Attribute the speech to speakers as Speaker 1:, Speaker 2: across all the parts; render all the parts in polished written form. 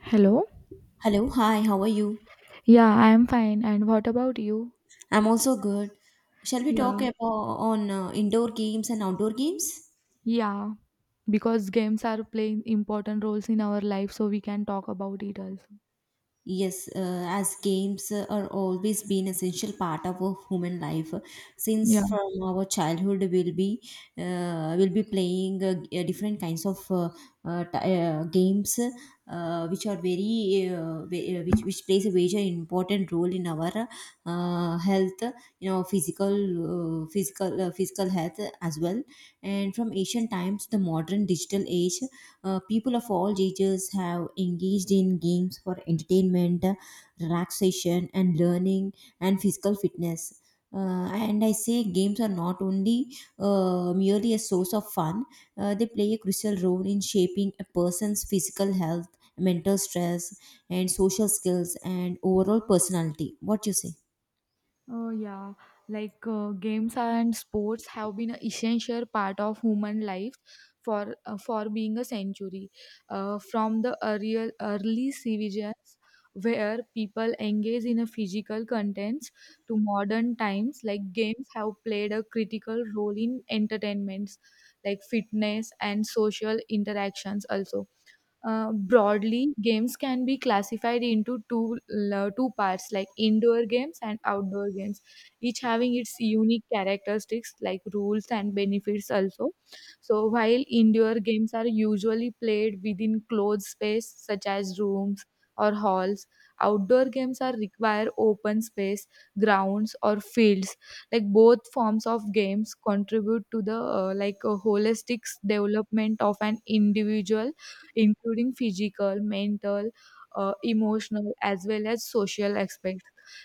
Speaker 1: Hello?
Speaker 2: Hello, hi, how are you?
Speaker 1: Yeah, I am fine. And what about you?
Speaker 2: I'm also good. Shall we talk
Speaker 1: Yeah.
Speaker 2: about on indoor games and outdoor games?
Speaker 1: Yeah. Because games are playing important roles in our life, so we can talk about it also.
Speaker 2: Yes, as games are always been essential part of our human life.
Speaker 1: Yeah.
Speaker 2: Since from our childhood, we'll be playing different kinds of games, which are very which plays a very important role in our health, physical physical health as well. And from ancient times to the modern digital age, people of all ages have engaged in games for entertainment, relaxation, and learning and physical fitness. And I say games are not only merely a source of fun. They play a crucial role in shaping a person's physical health, mental stress, and social skills, and overall personality. What you say?
Speaker 1: Oh yeah, like games and sports have been an essential part of human life for being a century. From the early civilizations where people engage in a physical contents to modern times, like games have played a critical role in entertainments, like fitness and social interactions also broadly, games can be classified into two two parts, like indoor games and outdoor games, each having its unique characteristics, like rules and benefits also. So, while indoor games are usually played within closed space, such as rooms or halls, outdoor games are require open space, grounds or fields. Like both forms of games contribute to the like a holistic development of an individual including physical, mental, emotional, as well as social aspects.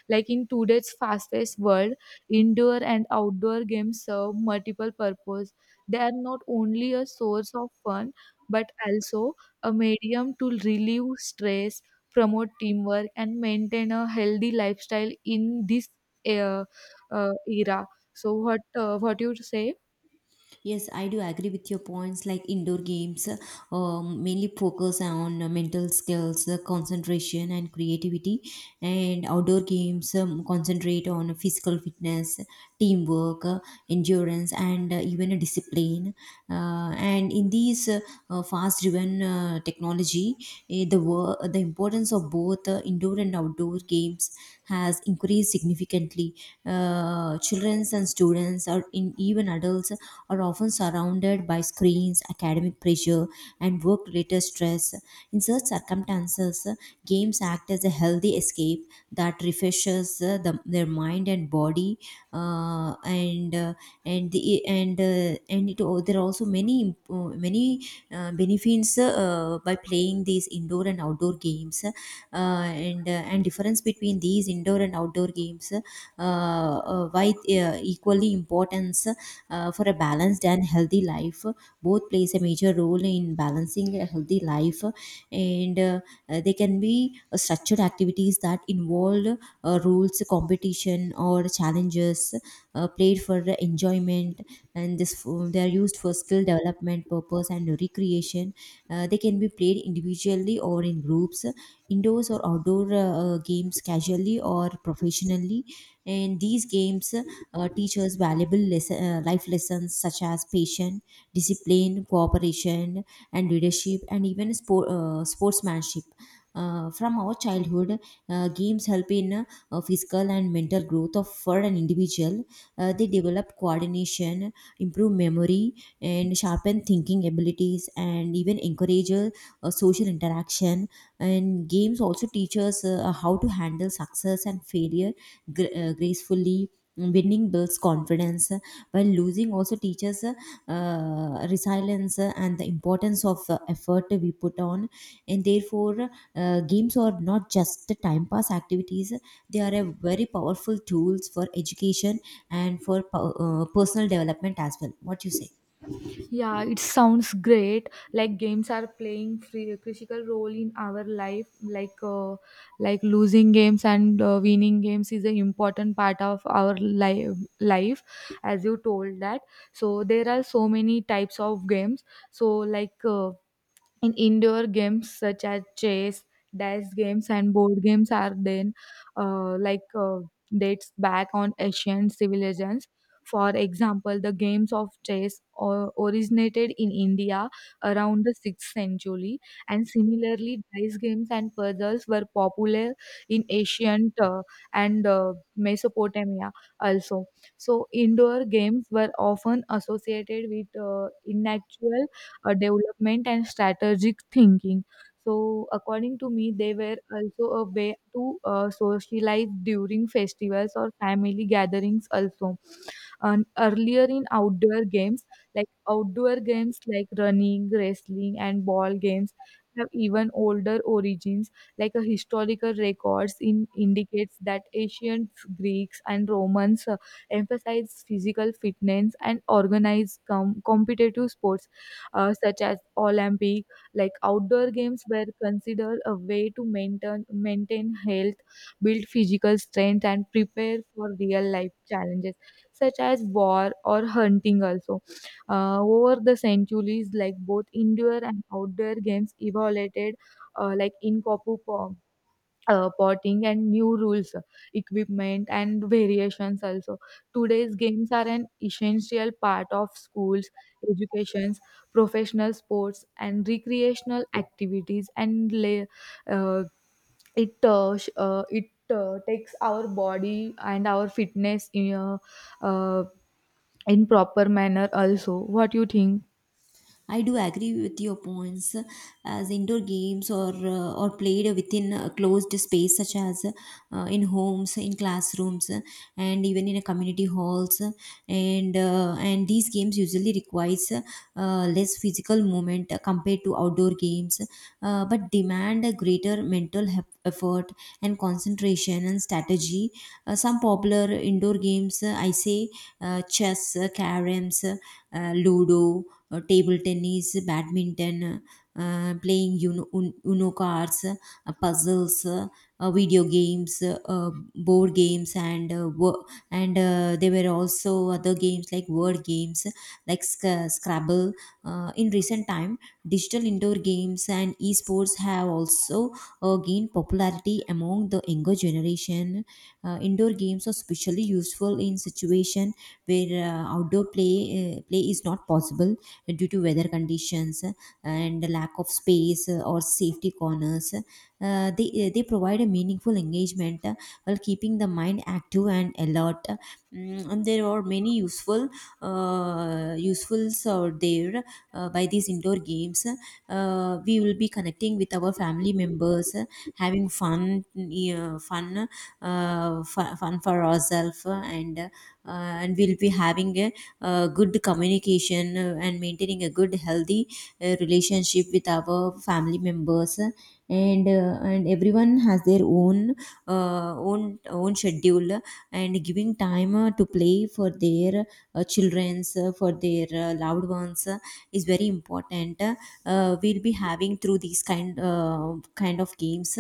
Speaker 1: Like in today's fast-paced world, indoor and outdoor games serve multiple purposes. They are not only a source of fun, but also a medium to relieve stress, promote teamwork, and maintain a healthy lifestyle in this uh, era. So, what what you say?
Speaker 2: Yes, I do agree with your points. Like indoor games, mainly focus on mental skills, concentration, and creativity, and outdoor games concentrate on physical fitness, teamwork, endurance, and even a discipline. And in these fast-driven technology, the importance of both indoor and outdoor games has increased significantly. Children and students, or in even adults are often surrounded by screens, academic pressure, and work related stress. In such circumstances, games act as a healthy escape that refreshes their mind and body, uh, and uh, and the, and it, al- there are also many many benefits by playing these indoor and outdoor games, and difference between these indoor and outdoor games, why equally importance for a balanced and healthy life. Both plays a major role in balancing a healthy life, and they can be structured activities that involve rules, competition, or challenges, played for enjoyment, and they are used for skill development purpose and recreation. They can be played individually or in groups, indoors or outdoor games, casually or professionally, and these games teachers valuable lesson, life lessons such as patience, discipline, cooperation, and leadership, and even sport, sportsmanship. From our childhood, games help in physical and mental growth of for an individual. They develop coordination, improve memory, and sharpen thinking abilities, and even encourage social interaction. And games also teach us how to handle success and failure gracefully. Winning builds confidence, while losing also teaches resilience and the importance of effort we put on. And therefore, games are not just time pass activities. They are a very powerful tools for education and for personal development as well. What you say?
Speaker 1: Yeah, it sounds great. Like games are playing free, critical role in our life. Like losing games and winning games is an important part of our life. Life, as you told that. So there are so many types of games. So like. And indoor games such as chess, dice games, and board games are then uh, like uh, dates back on ancient civilizations. For example, the games of chess or originated in India around the 6th century, and similarly, dice games and puzzles were popular in ancient and Mesopotamia also. So, indoor games were often associated with intellectual development and strategic thinking. So, according to me, they were also a way to socialize during festivals or family gatherings, also and earlier in outdoor games like running, wrestling, and ball games have even older origins, like a historical records in indicates that ancient Greeks and Romans emphasized physical fitness and organized competitive sports such as Olympic. Like outdoor games were considered a way to maintain health, build physical strength, and prepare for real life challenges such as war or hunting also. Over the centuries, like both indoor and outdoor games evolved, like in Kopu potting and new rules, equipment and variations also. Today's games are an essential part of schools, educations, professional sports and recreational activities and lay, uh, it takes our body and our fitness uh, in proper manner also. What you think?
Speaker 2: I do agree with your points. As indoor games or played within a closed space such as in homes, in classrooms, and even in a community halls, and these games usually requires less physical movement compared to outdoor games, but demand a greater mental effort and concentration and strategy. Some popular indoor games, I say, chess, caroms, ludo, table tennis, badminton, playing Uno, Uno cards, puzzles, video games, board games, and there were also other games like word games, like Scrabble. In recent time, digital indoor games and esports have also gained popularity among the younger generation. Indoor games are especially useful in situation where outdoor play play is not possible due to weather conditions and the lack of space or safety corners. They provide a meaningful engagement while keeping the mind active and alert. Mm, and there are many useful usefuls are there by these indoor games. We will be connecting with our family members, having fun, fun for ourselves, and and we'll be having a good communication and maintaining a good healthy relationship with our family members, and and everyone has their own own schedule, and giving time to play for their children's, for their loved ones, is very important. We'll be having through these kind of games,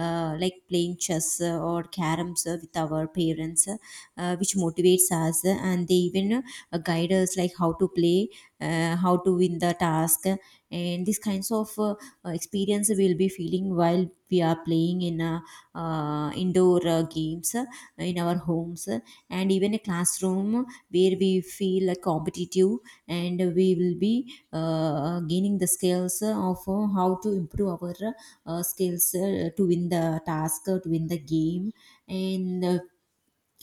Speaker 2: like playing chess or caroms with our parents, which motivates us, and they even guide us like how to play, how to win the task. And these kinds of experience we'll be feeling while we are playing in indoor games in our homes and even a classroom, where we feel competitive, and we will be gaining the skills of how to improve our skills to win the task, to win the game. And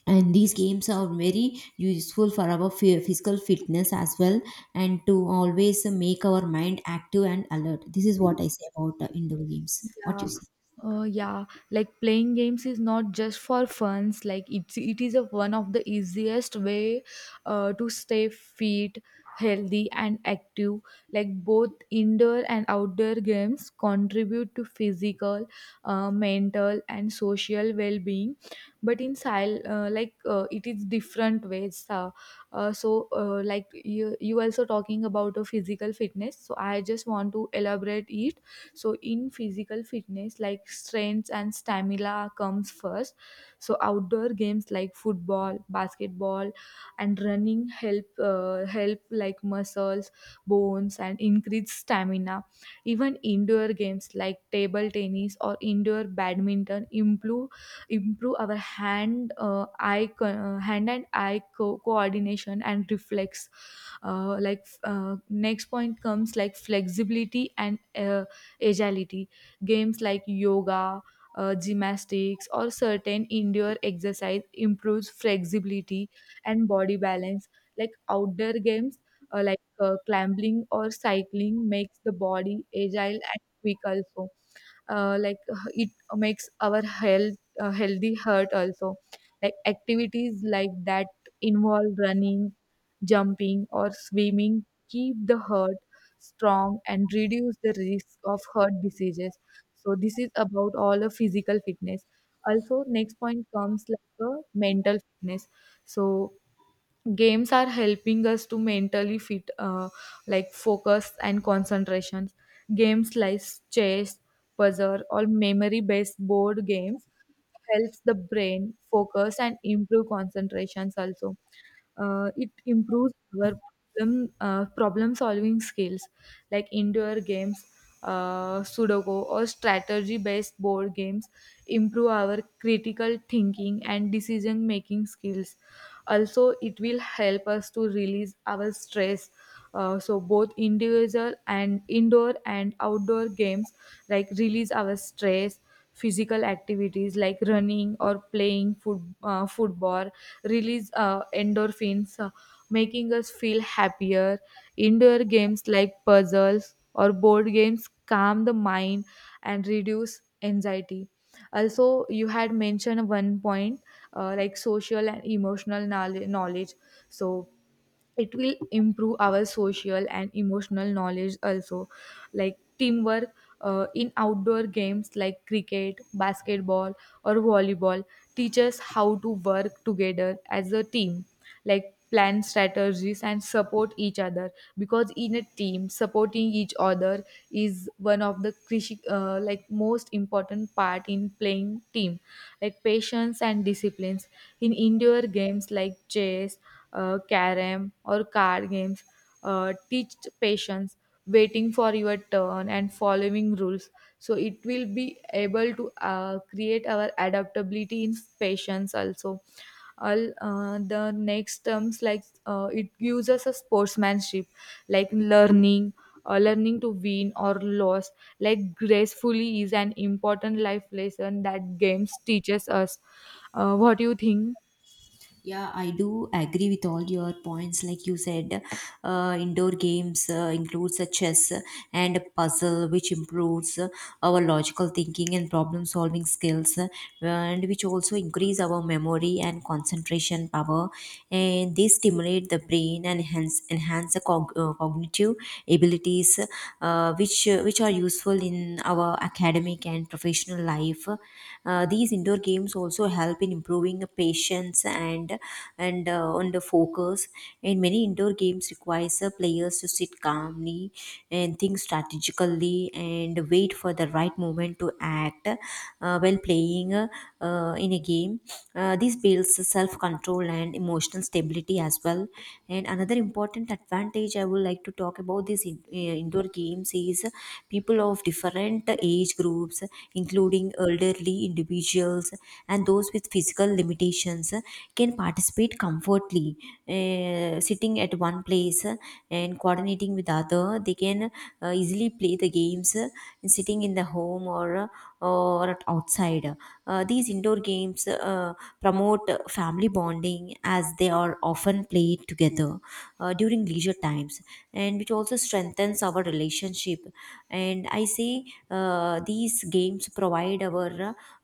Speaker 2: and these games are very useful for our physical fitness as well, and to always make our mind active and alert. This is what I say about indoor games. What you
Speaker 1: Yeah.
Speaker 2: say?
Speaker 1: Yeah, like playing games is not just for funs. Like it is a one of the easiest way to stay fit, healthy, and active. Like both indoor and outdoor games contribute to physical, mental, and social well-being. But in like it is different ways. Like you also talking about a physical fitness. So I just want to elaborate it so in physical fitness like strength and stamina comes first, so outdoor games like football, basketball, and running help help like muscles, bones and increase stamina. Even indoor games like table tennis or indoor badminton improve our hand hand and eye coordination and reflex. Like next point comes like flexibility and agility. Games like yoga, gymnastics, or certain indoor exercise improves flexibility and body balance. Like outdoor games, like climbing or cycling, makes the body agile and quick. Also, like it makes our health healthy heart also, like activities like that involve running, jumping or swimming keep the heart strong and reduce the risk of heart diseases. So this is about all the physical fitness. Also, next point comes like a mental fitness. So games are helping us to mentally fit, like focus and concentration. Games like chess, puzzle or memory based board games helps the brain focus and improve concentrations also. It improves our problem solving skills, like indoor games Sudoku, or strategy based board games improve our critical thinking and decision making skills. Also, it will help us to release our stress. So both individual and indoor and outdoor games like release our stress. Physical activities like running or playing football release endorphins, making us feel happier. Indoor games like puzzles or board games calm the mind and reduce anxiety. Also, you had mentioned one point like social and emotional knowledge. So, it will improve our social and emotional knowledge also, like teamwork in outdoor games like cricket, basketball or volleyball teaches how to work together as a team, like plan strategies and support each other, because in a team supporting each other is one of the like most important part in playing team. Like patience and disciplines in indoor games like chess, carom or card games teach patience, waiting for your turn and following rules, so it will be able to create our adaptability in patience also. All the next terms, like it gives us a sportsmanship, like learning learning to win or lose like gracefully is an important life lesson that games teaches us. What do you think?
Speaker 2: Yeah, I do agree with all your points. Like you said, indoor games includes a chess and a puzzle which improves our logical thinking and problem solving skills, and which also increase our memory and concentration power, and they stimulate the brain and hence enhance the cognitive abilities which are useful in our academic and professional life. These indoor games also help in improving patience and on the focus, and many indoor games requires the players to sit calmly and think strategically and wait for the right moment to act, while playing in a game. This builds self control and emotional stability as well. And another important advantage I would like to talk about these indoor games is people of different age groups, including elderly individuals and those with physical limitations, can participate comfortably, sitting at one place and coordinating with other. They can easily play the games, sitting in the home or at outside. These indoor games promote family bonding as they are often played together during leisure times, and which also strengthens our relationship. And I say these games provide our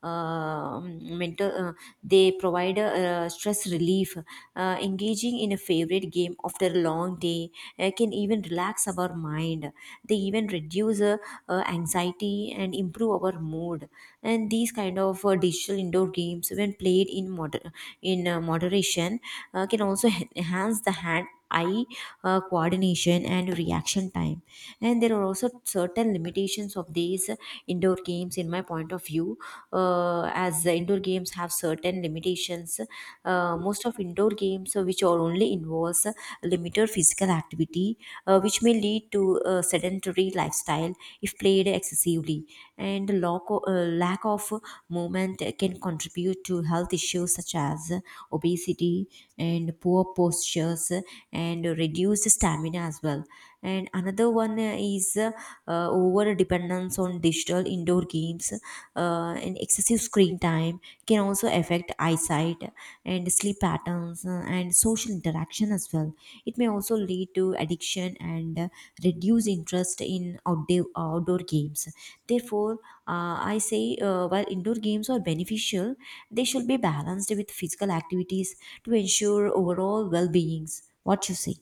Speaker 2: mental they provide a, stress relief. Engaging in a favorite game after a long day can even relax our mind. They even reduce anxiety and improve our mood. And these kind of digital indoor games, when played in moderation, can also enhance the hand eye coordination and reaction time. And there are also certain limitations of these indoor games in my point of view. As the indoor games have certain limitations, most of indoor games which are only involves limited physical activity, which may lead to a sedentary lifestyle if played excessively. And the lack of movement can contribute to health issues such as obesity and poor postures and reduced stamina as well. And another one is over dependence on digital indoor games and excessive screen time can also affect eyesight and sleep patterns, and social interaction as well. It may also lead to addiction and reduce interest in outdoor games. Therefore, I say while indoor games are beneficial, they should be balanced with physical activities to ensure overall well beings. What you say?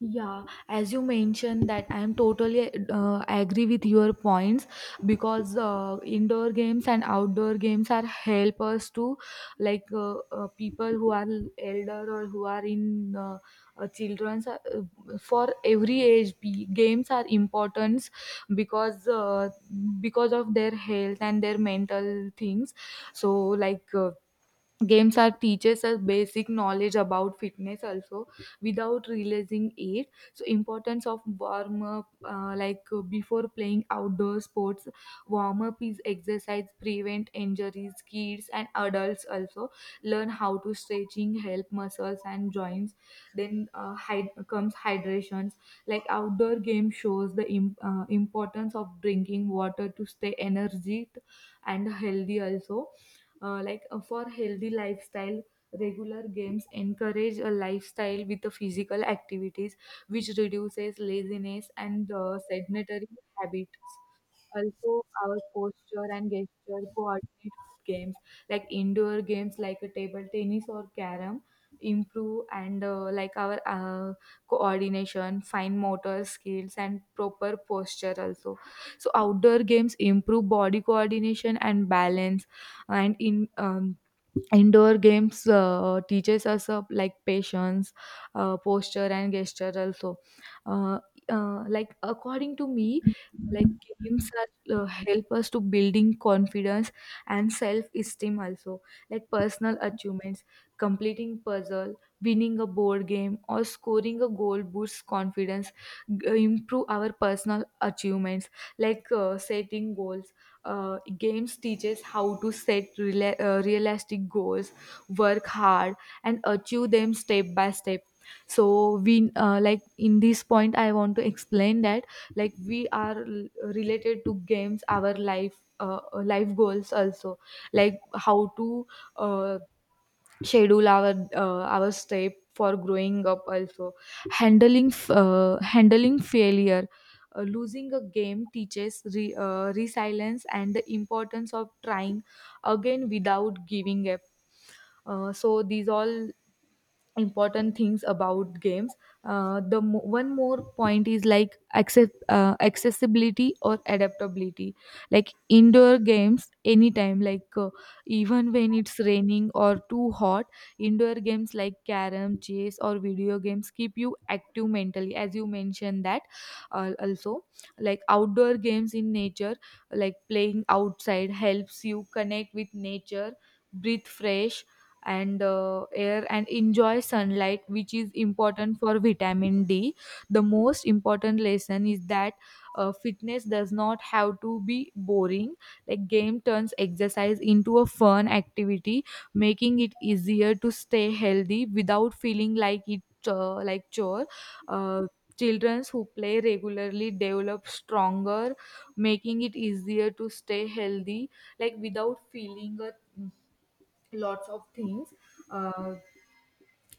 Speaker 1: Yeah, as you mentioned that I am totally agree with your points because indoor games and outdoor games are help us to, like people who are elder or who are in children's, for every games are important because uh, because of their health and their mental things. So like, games are teaches us basic knowledge about fitness also without realizing it. So importance of warm up, like before playing outdoor sports, warm up is exercise prevent injuries. Kids and adults also learn how to stretching help muscles and joints. Then comes hydrations, like outdoor game shows the importance of drinking water to stay energy and healthy also. Like for healthy lifestyle, regular games encourage a lifestyle with the physical activities, which reduces laziness and sedentary habits. Also, our posture and gesture coordinate with games, like indoor games like a table tennis or carom improve and like our coordination, fine motor skills and proper posture also. So outdoor games improve body coordination and balance. And in indoor games teaches us like patience, posture, and gesture also. Uh, like according to me, like games are, help us to building confidence and self esteem also. Like personal achievements, completing puzzle, winning a board game, or scoring a goal boosts confidence. Improve our personal achievements, like setting goals, games teaches how to set realistic goals, work hard, and achieve them step by step. So we like in this point, I want to explain that, like we are related to games, our life, life goals also, like how to uh, schedule our step for growing up also. Handling failure, losing a game teaches resilience and the importance of trying again without giving up. So these all important things about games. The one more point is like accessibility or adaptability, like indoor games anytime, like even when it's raining or too hot, indoor games like carom, chess or video games keep you active mentally as you mentioned that. Also, like outdoor games in nature, like playing outside helps you connect with nature, breathe fresh and air and enjoy sunlight, which is important for vitamin D. The most important lesson is that fitness does not have to be boring, like game turns exercise into a fun activity, making it easier to stay healthy without feeling like it like chore. uh, Children who play regularly develop stronger, making it easier to stay healthy, like without feeling a mm, lots of things. uh,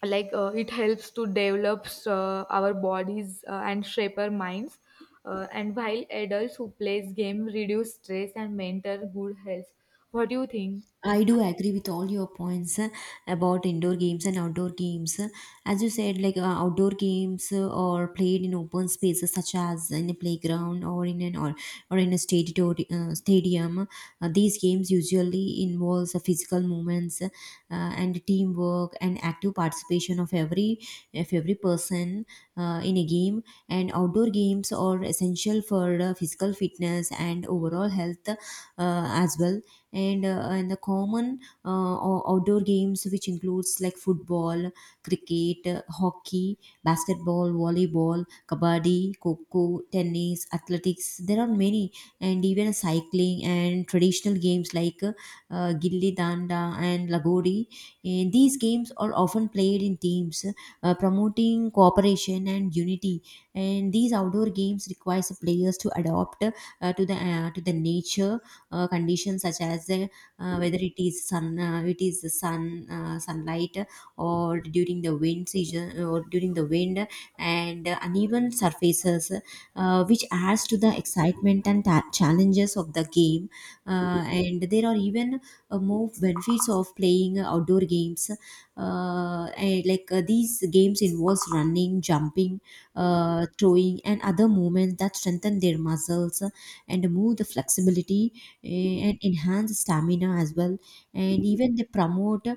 Speaker 1: like it helps to develop our bodies and shape our minds, and while adults who plays game reduce stress and maintain good health. What do you think?
Speaker 2: I do agree with all your points about indoor games and outdoor games. As you said, like outdoor games are played in open spaces such as in a playground or in a stadium. These games usually involves physical movements and teamwork and active participation of every person in a game. And outdoor games are essential for physical fitness and overall health as well, and the common outdoor games which includes like football, cricket, hockey, basketball, volleyball, kabaddi, coco, tennis, athletics. There are many, and even cycling and traditional games like gilli danda and lagori. And these games are often played in teams, promoting cooperation and unity. And these outdoor games requires the players to adapt to the nature conditions, such as whether it is sun, it is the sun, sunlight, or during the wind season, or during the wind, and uneven surfaces, which adds to the excitement and challenges of the game. And there are even more benefits of playing outdoor games. And like These games involves running, jumping, throwing, and other movements that strengthen their muscles and move the flexibility and enhance stamina as well. And even they promote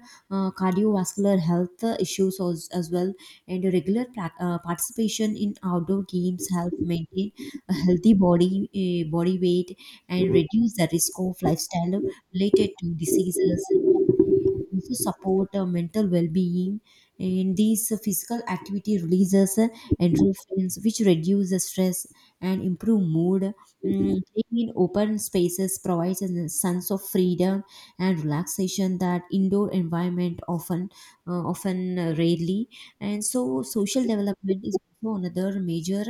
Speaker 2: cardiovascular health issues as well. And regular participation in outdoor games help maintain a healthy body, body weight, and reduce the risk of lifestyle related to diseases. Also support mental well-being. And these physical activity releases endorphins, which reduce the stress and improve mood. Playing in open spaces provides a sense of freedom and relaxation that indoor environment often rarely. And so social development is also another major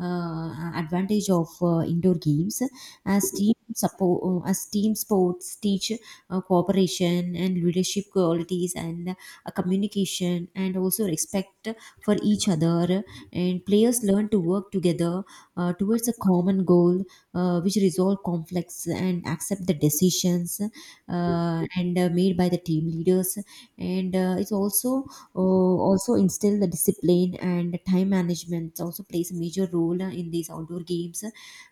Speaker 2: advantage of indoor games, as team sports teach cooperation and leadership qualities and communication and also respect for each other. And players learn to work together towards a common goal, which resolve conflicts and accept the decisions and made by the team leaders. And it's also Also instill the discipline, and time management also plays a major role in these outdoor games,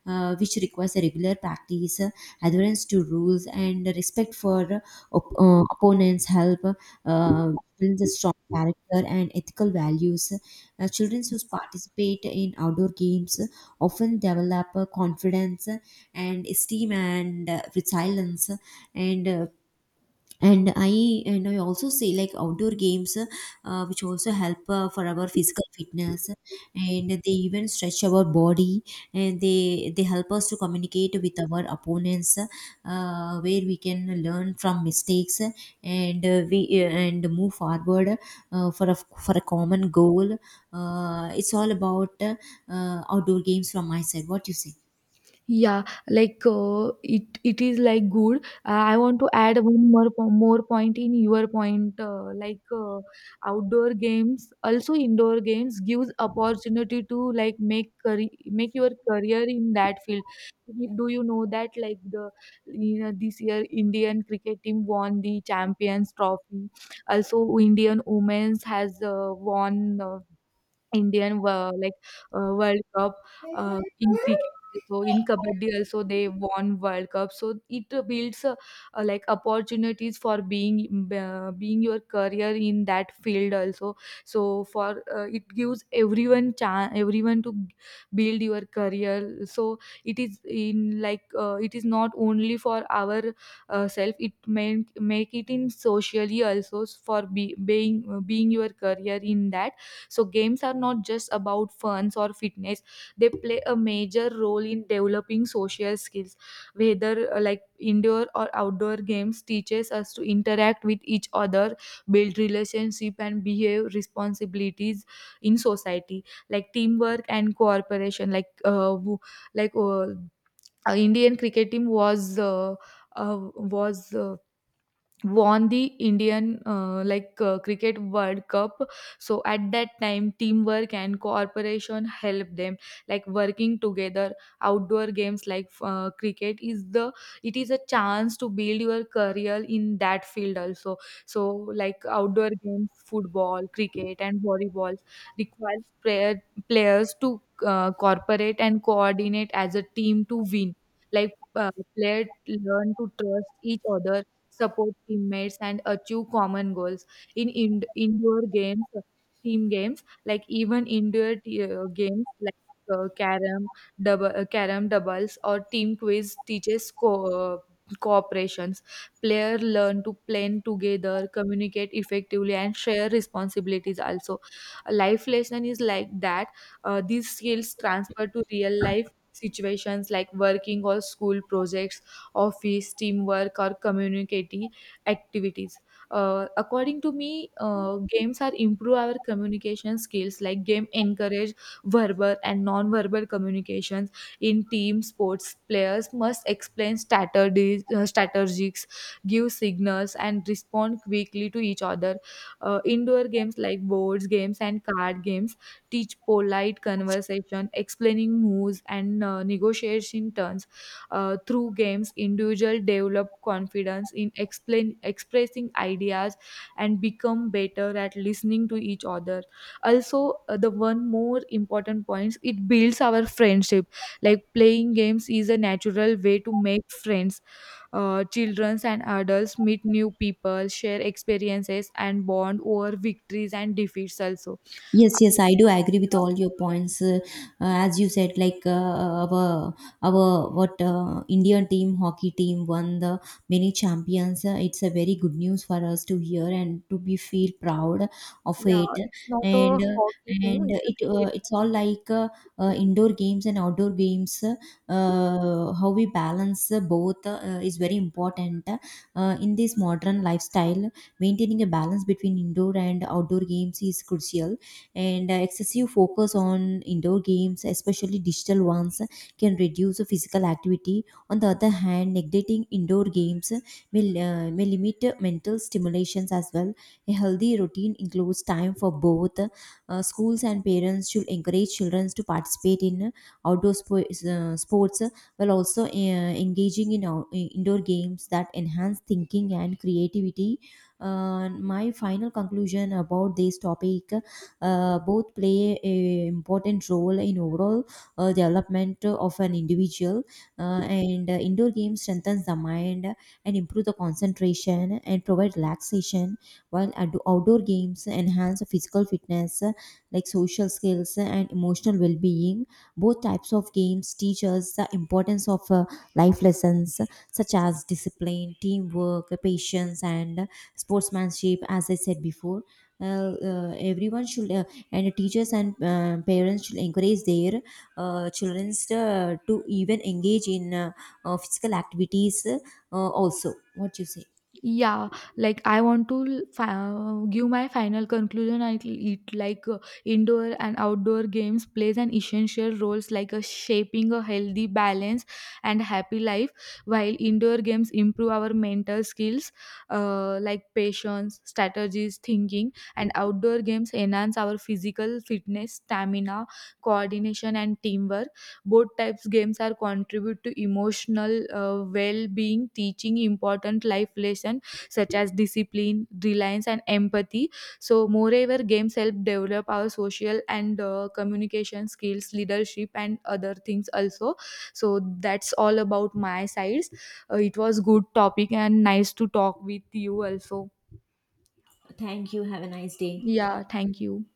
Speaker 2: which requires a regular practice, adherence to rules and respect for opponents. Help uh, build a strong character and ethical values. Children who participate in outdoor games often develop confidence and esteem and resilience. And uh, and i and i also say, like, outdoor games which also help for our physical fitness. And they even stretch our body, and they help us to communicate with our opponents, where we can learn from mistakes and move forward for a common goal. It's all about outdoor games from my side. What you say?
Speaker 1: Yeah, like it it is like good. I want to add one more more point in your point. Like outdoor games, also indoor games gives opportunity to, like make career, make your career in that field. Do you know that, like the this year Indian cricket team won the Champions Trophy. Also, Indian women's has won Indian were like World Cup in cricket. So in kabaddi also they won World Cup. So it builds like opportunities for being being your career in that field also. So for it gives everyone chance everyone to build your career. So it is in, like it is not only for our self. It make it in socially also for be, being being your career in that. So games are not just about funs or fitness. They play a major role in developing social skills. Whether like indoor or outdoor games teaches us to interact with each other, build relationship and behave responsibilities in society. Like teamwork and cooperation. Like like uh, Indian cricket team was uh, was uh, won the Indian, like cricket World Cup. So at that time, teamwork and cooperation help them, like working together. Outdoor games like cricket is the it is a chance to build your career in that field also. So like outdoor games, football, cricket, and volleyball requires players to cooperate and coordinate as a team to win. Like players learn to trust each other, support teammates, and achieve common goals. In indoor games, team games, like even indoor games like carom, carom doubles, or team quiz teaches cooperations. Player learn to plan together, communicate effectively, and share responsibilities. Also, a life lesson is like that. These skills transfer to real life situations like working or school projects, office, teamwork, or community activities. According to me, games are improve our communication skills. Like game encourage verbal and non-verbal communications in team sports. Players must explain strategies, strategies, give signals, and respond quickly to each other. Indoor games like boards games and card games teach polite conversation, explaining moves, and negotiation turns. Through games, individuals develop confidence in expressing ideas and become better at listening to each other. Also, the one more important point, it builds our friendship. Like playing games is a natural way to make friends. Children and adults meet new people, share experiences, and bond over victories and defeats also.
Speaker 2: Yes, yes, I do agree with all your points. As you said, like, our what Indian team, hockey team won the many champions. It's a very good news for us to hear and to be feel proud of it. And uh, and it It's all like indoor games and outdoor games. How we balance both is very important in this modern lifestyle. Maintaining a balance between indoor and outdoor games is crucial, and excessive focus on indoor games, especially digital ones, can reduce physical activity. On the other hand, neglecting indoor games may limit mental stimulations as well. A healthy routine includes time for both. Schools and parents should encourage children to participate in outdoor sports, while also engaging in in indoor games that enhance thinking and creativity. My final conclusion about this topic, both play a important role in overall development of an individual. And Indoor games strengthens the mind and improve the concentration and provide relaxation, while outdoor games enhance physical fitness, like social skills and emotional well-being. Both types of games teach us the importance of life lessons, such as discipline, teamwork, patience, and sportsmanship. As I said before, uh, everyone should, and teachers and parents, should encourage their children to even engage in physical activities. Also, what you say?
Speaker 1: Yeah, like I want to give my final conclusion I it like, indoor and outdoor games plays an essential roles, like a shaping a healthy balance and happy life. While indoor games improve our mental skills, like patience, strategies, thinking, and outdoor games enhance our physical fitness, stamina, coordination and teamwork, both types games are contribute to emotional, well-being, teaching important life lesson such as discipline, reliance, and empathy. So, moreover, games help develop our social and communication skills, leadership, and other things also. So, that's all about my sides. It was good topic and nice to talk with you also.
Speaker 2: Thank you. Have a nice day.
Speaker 1: Yeah, thank you.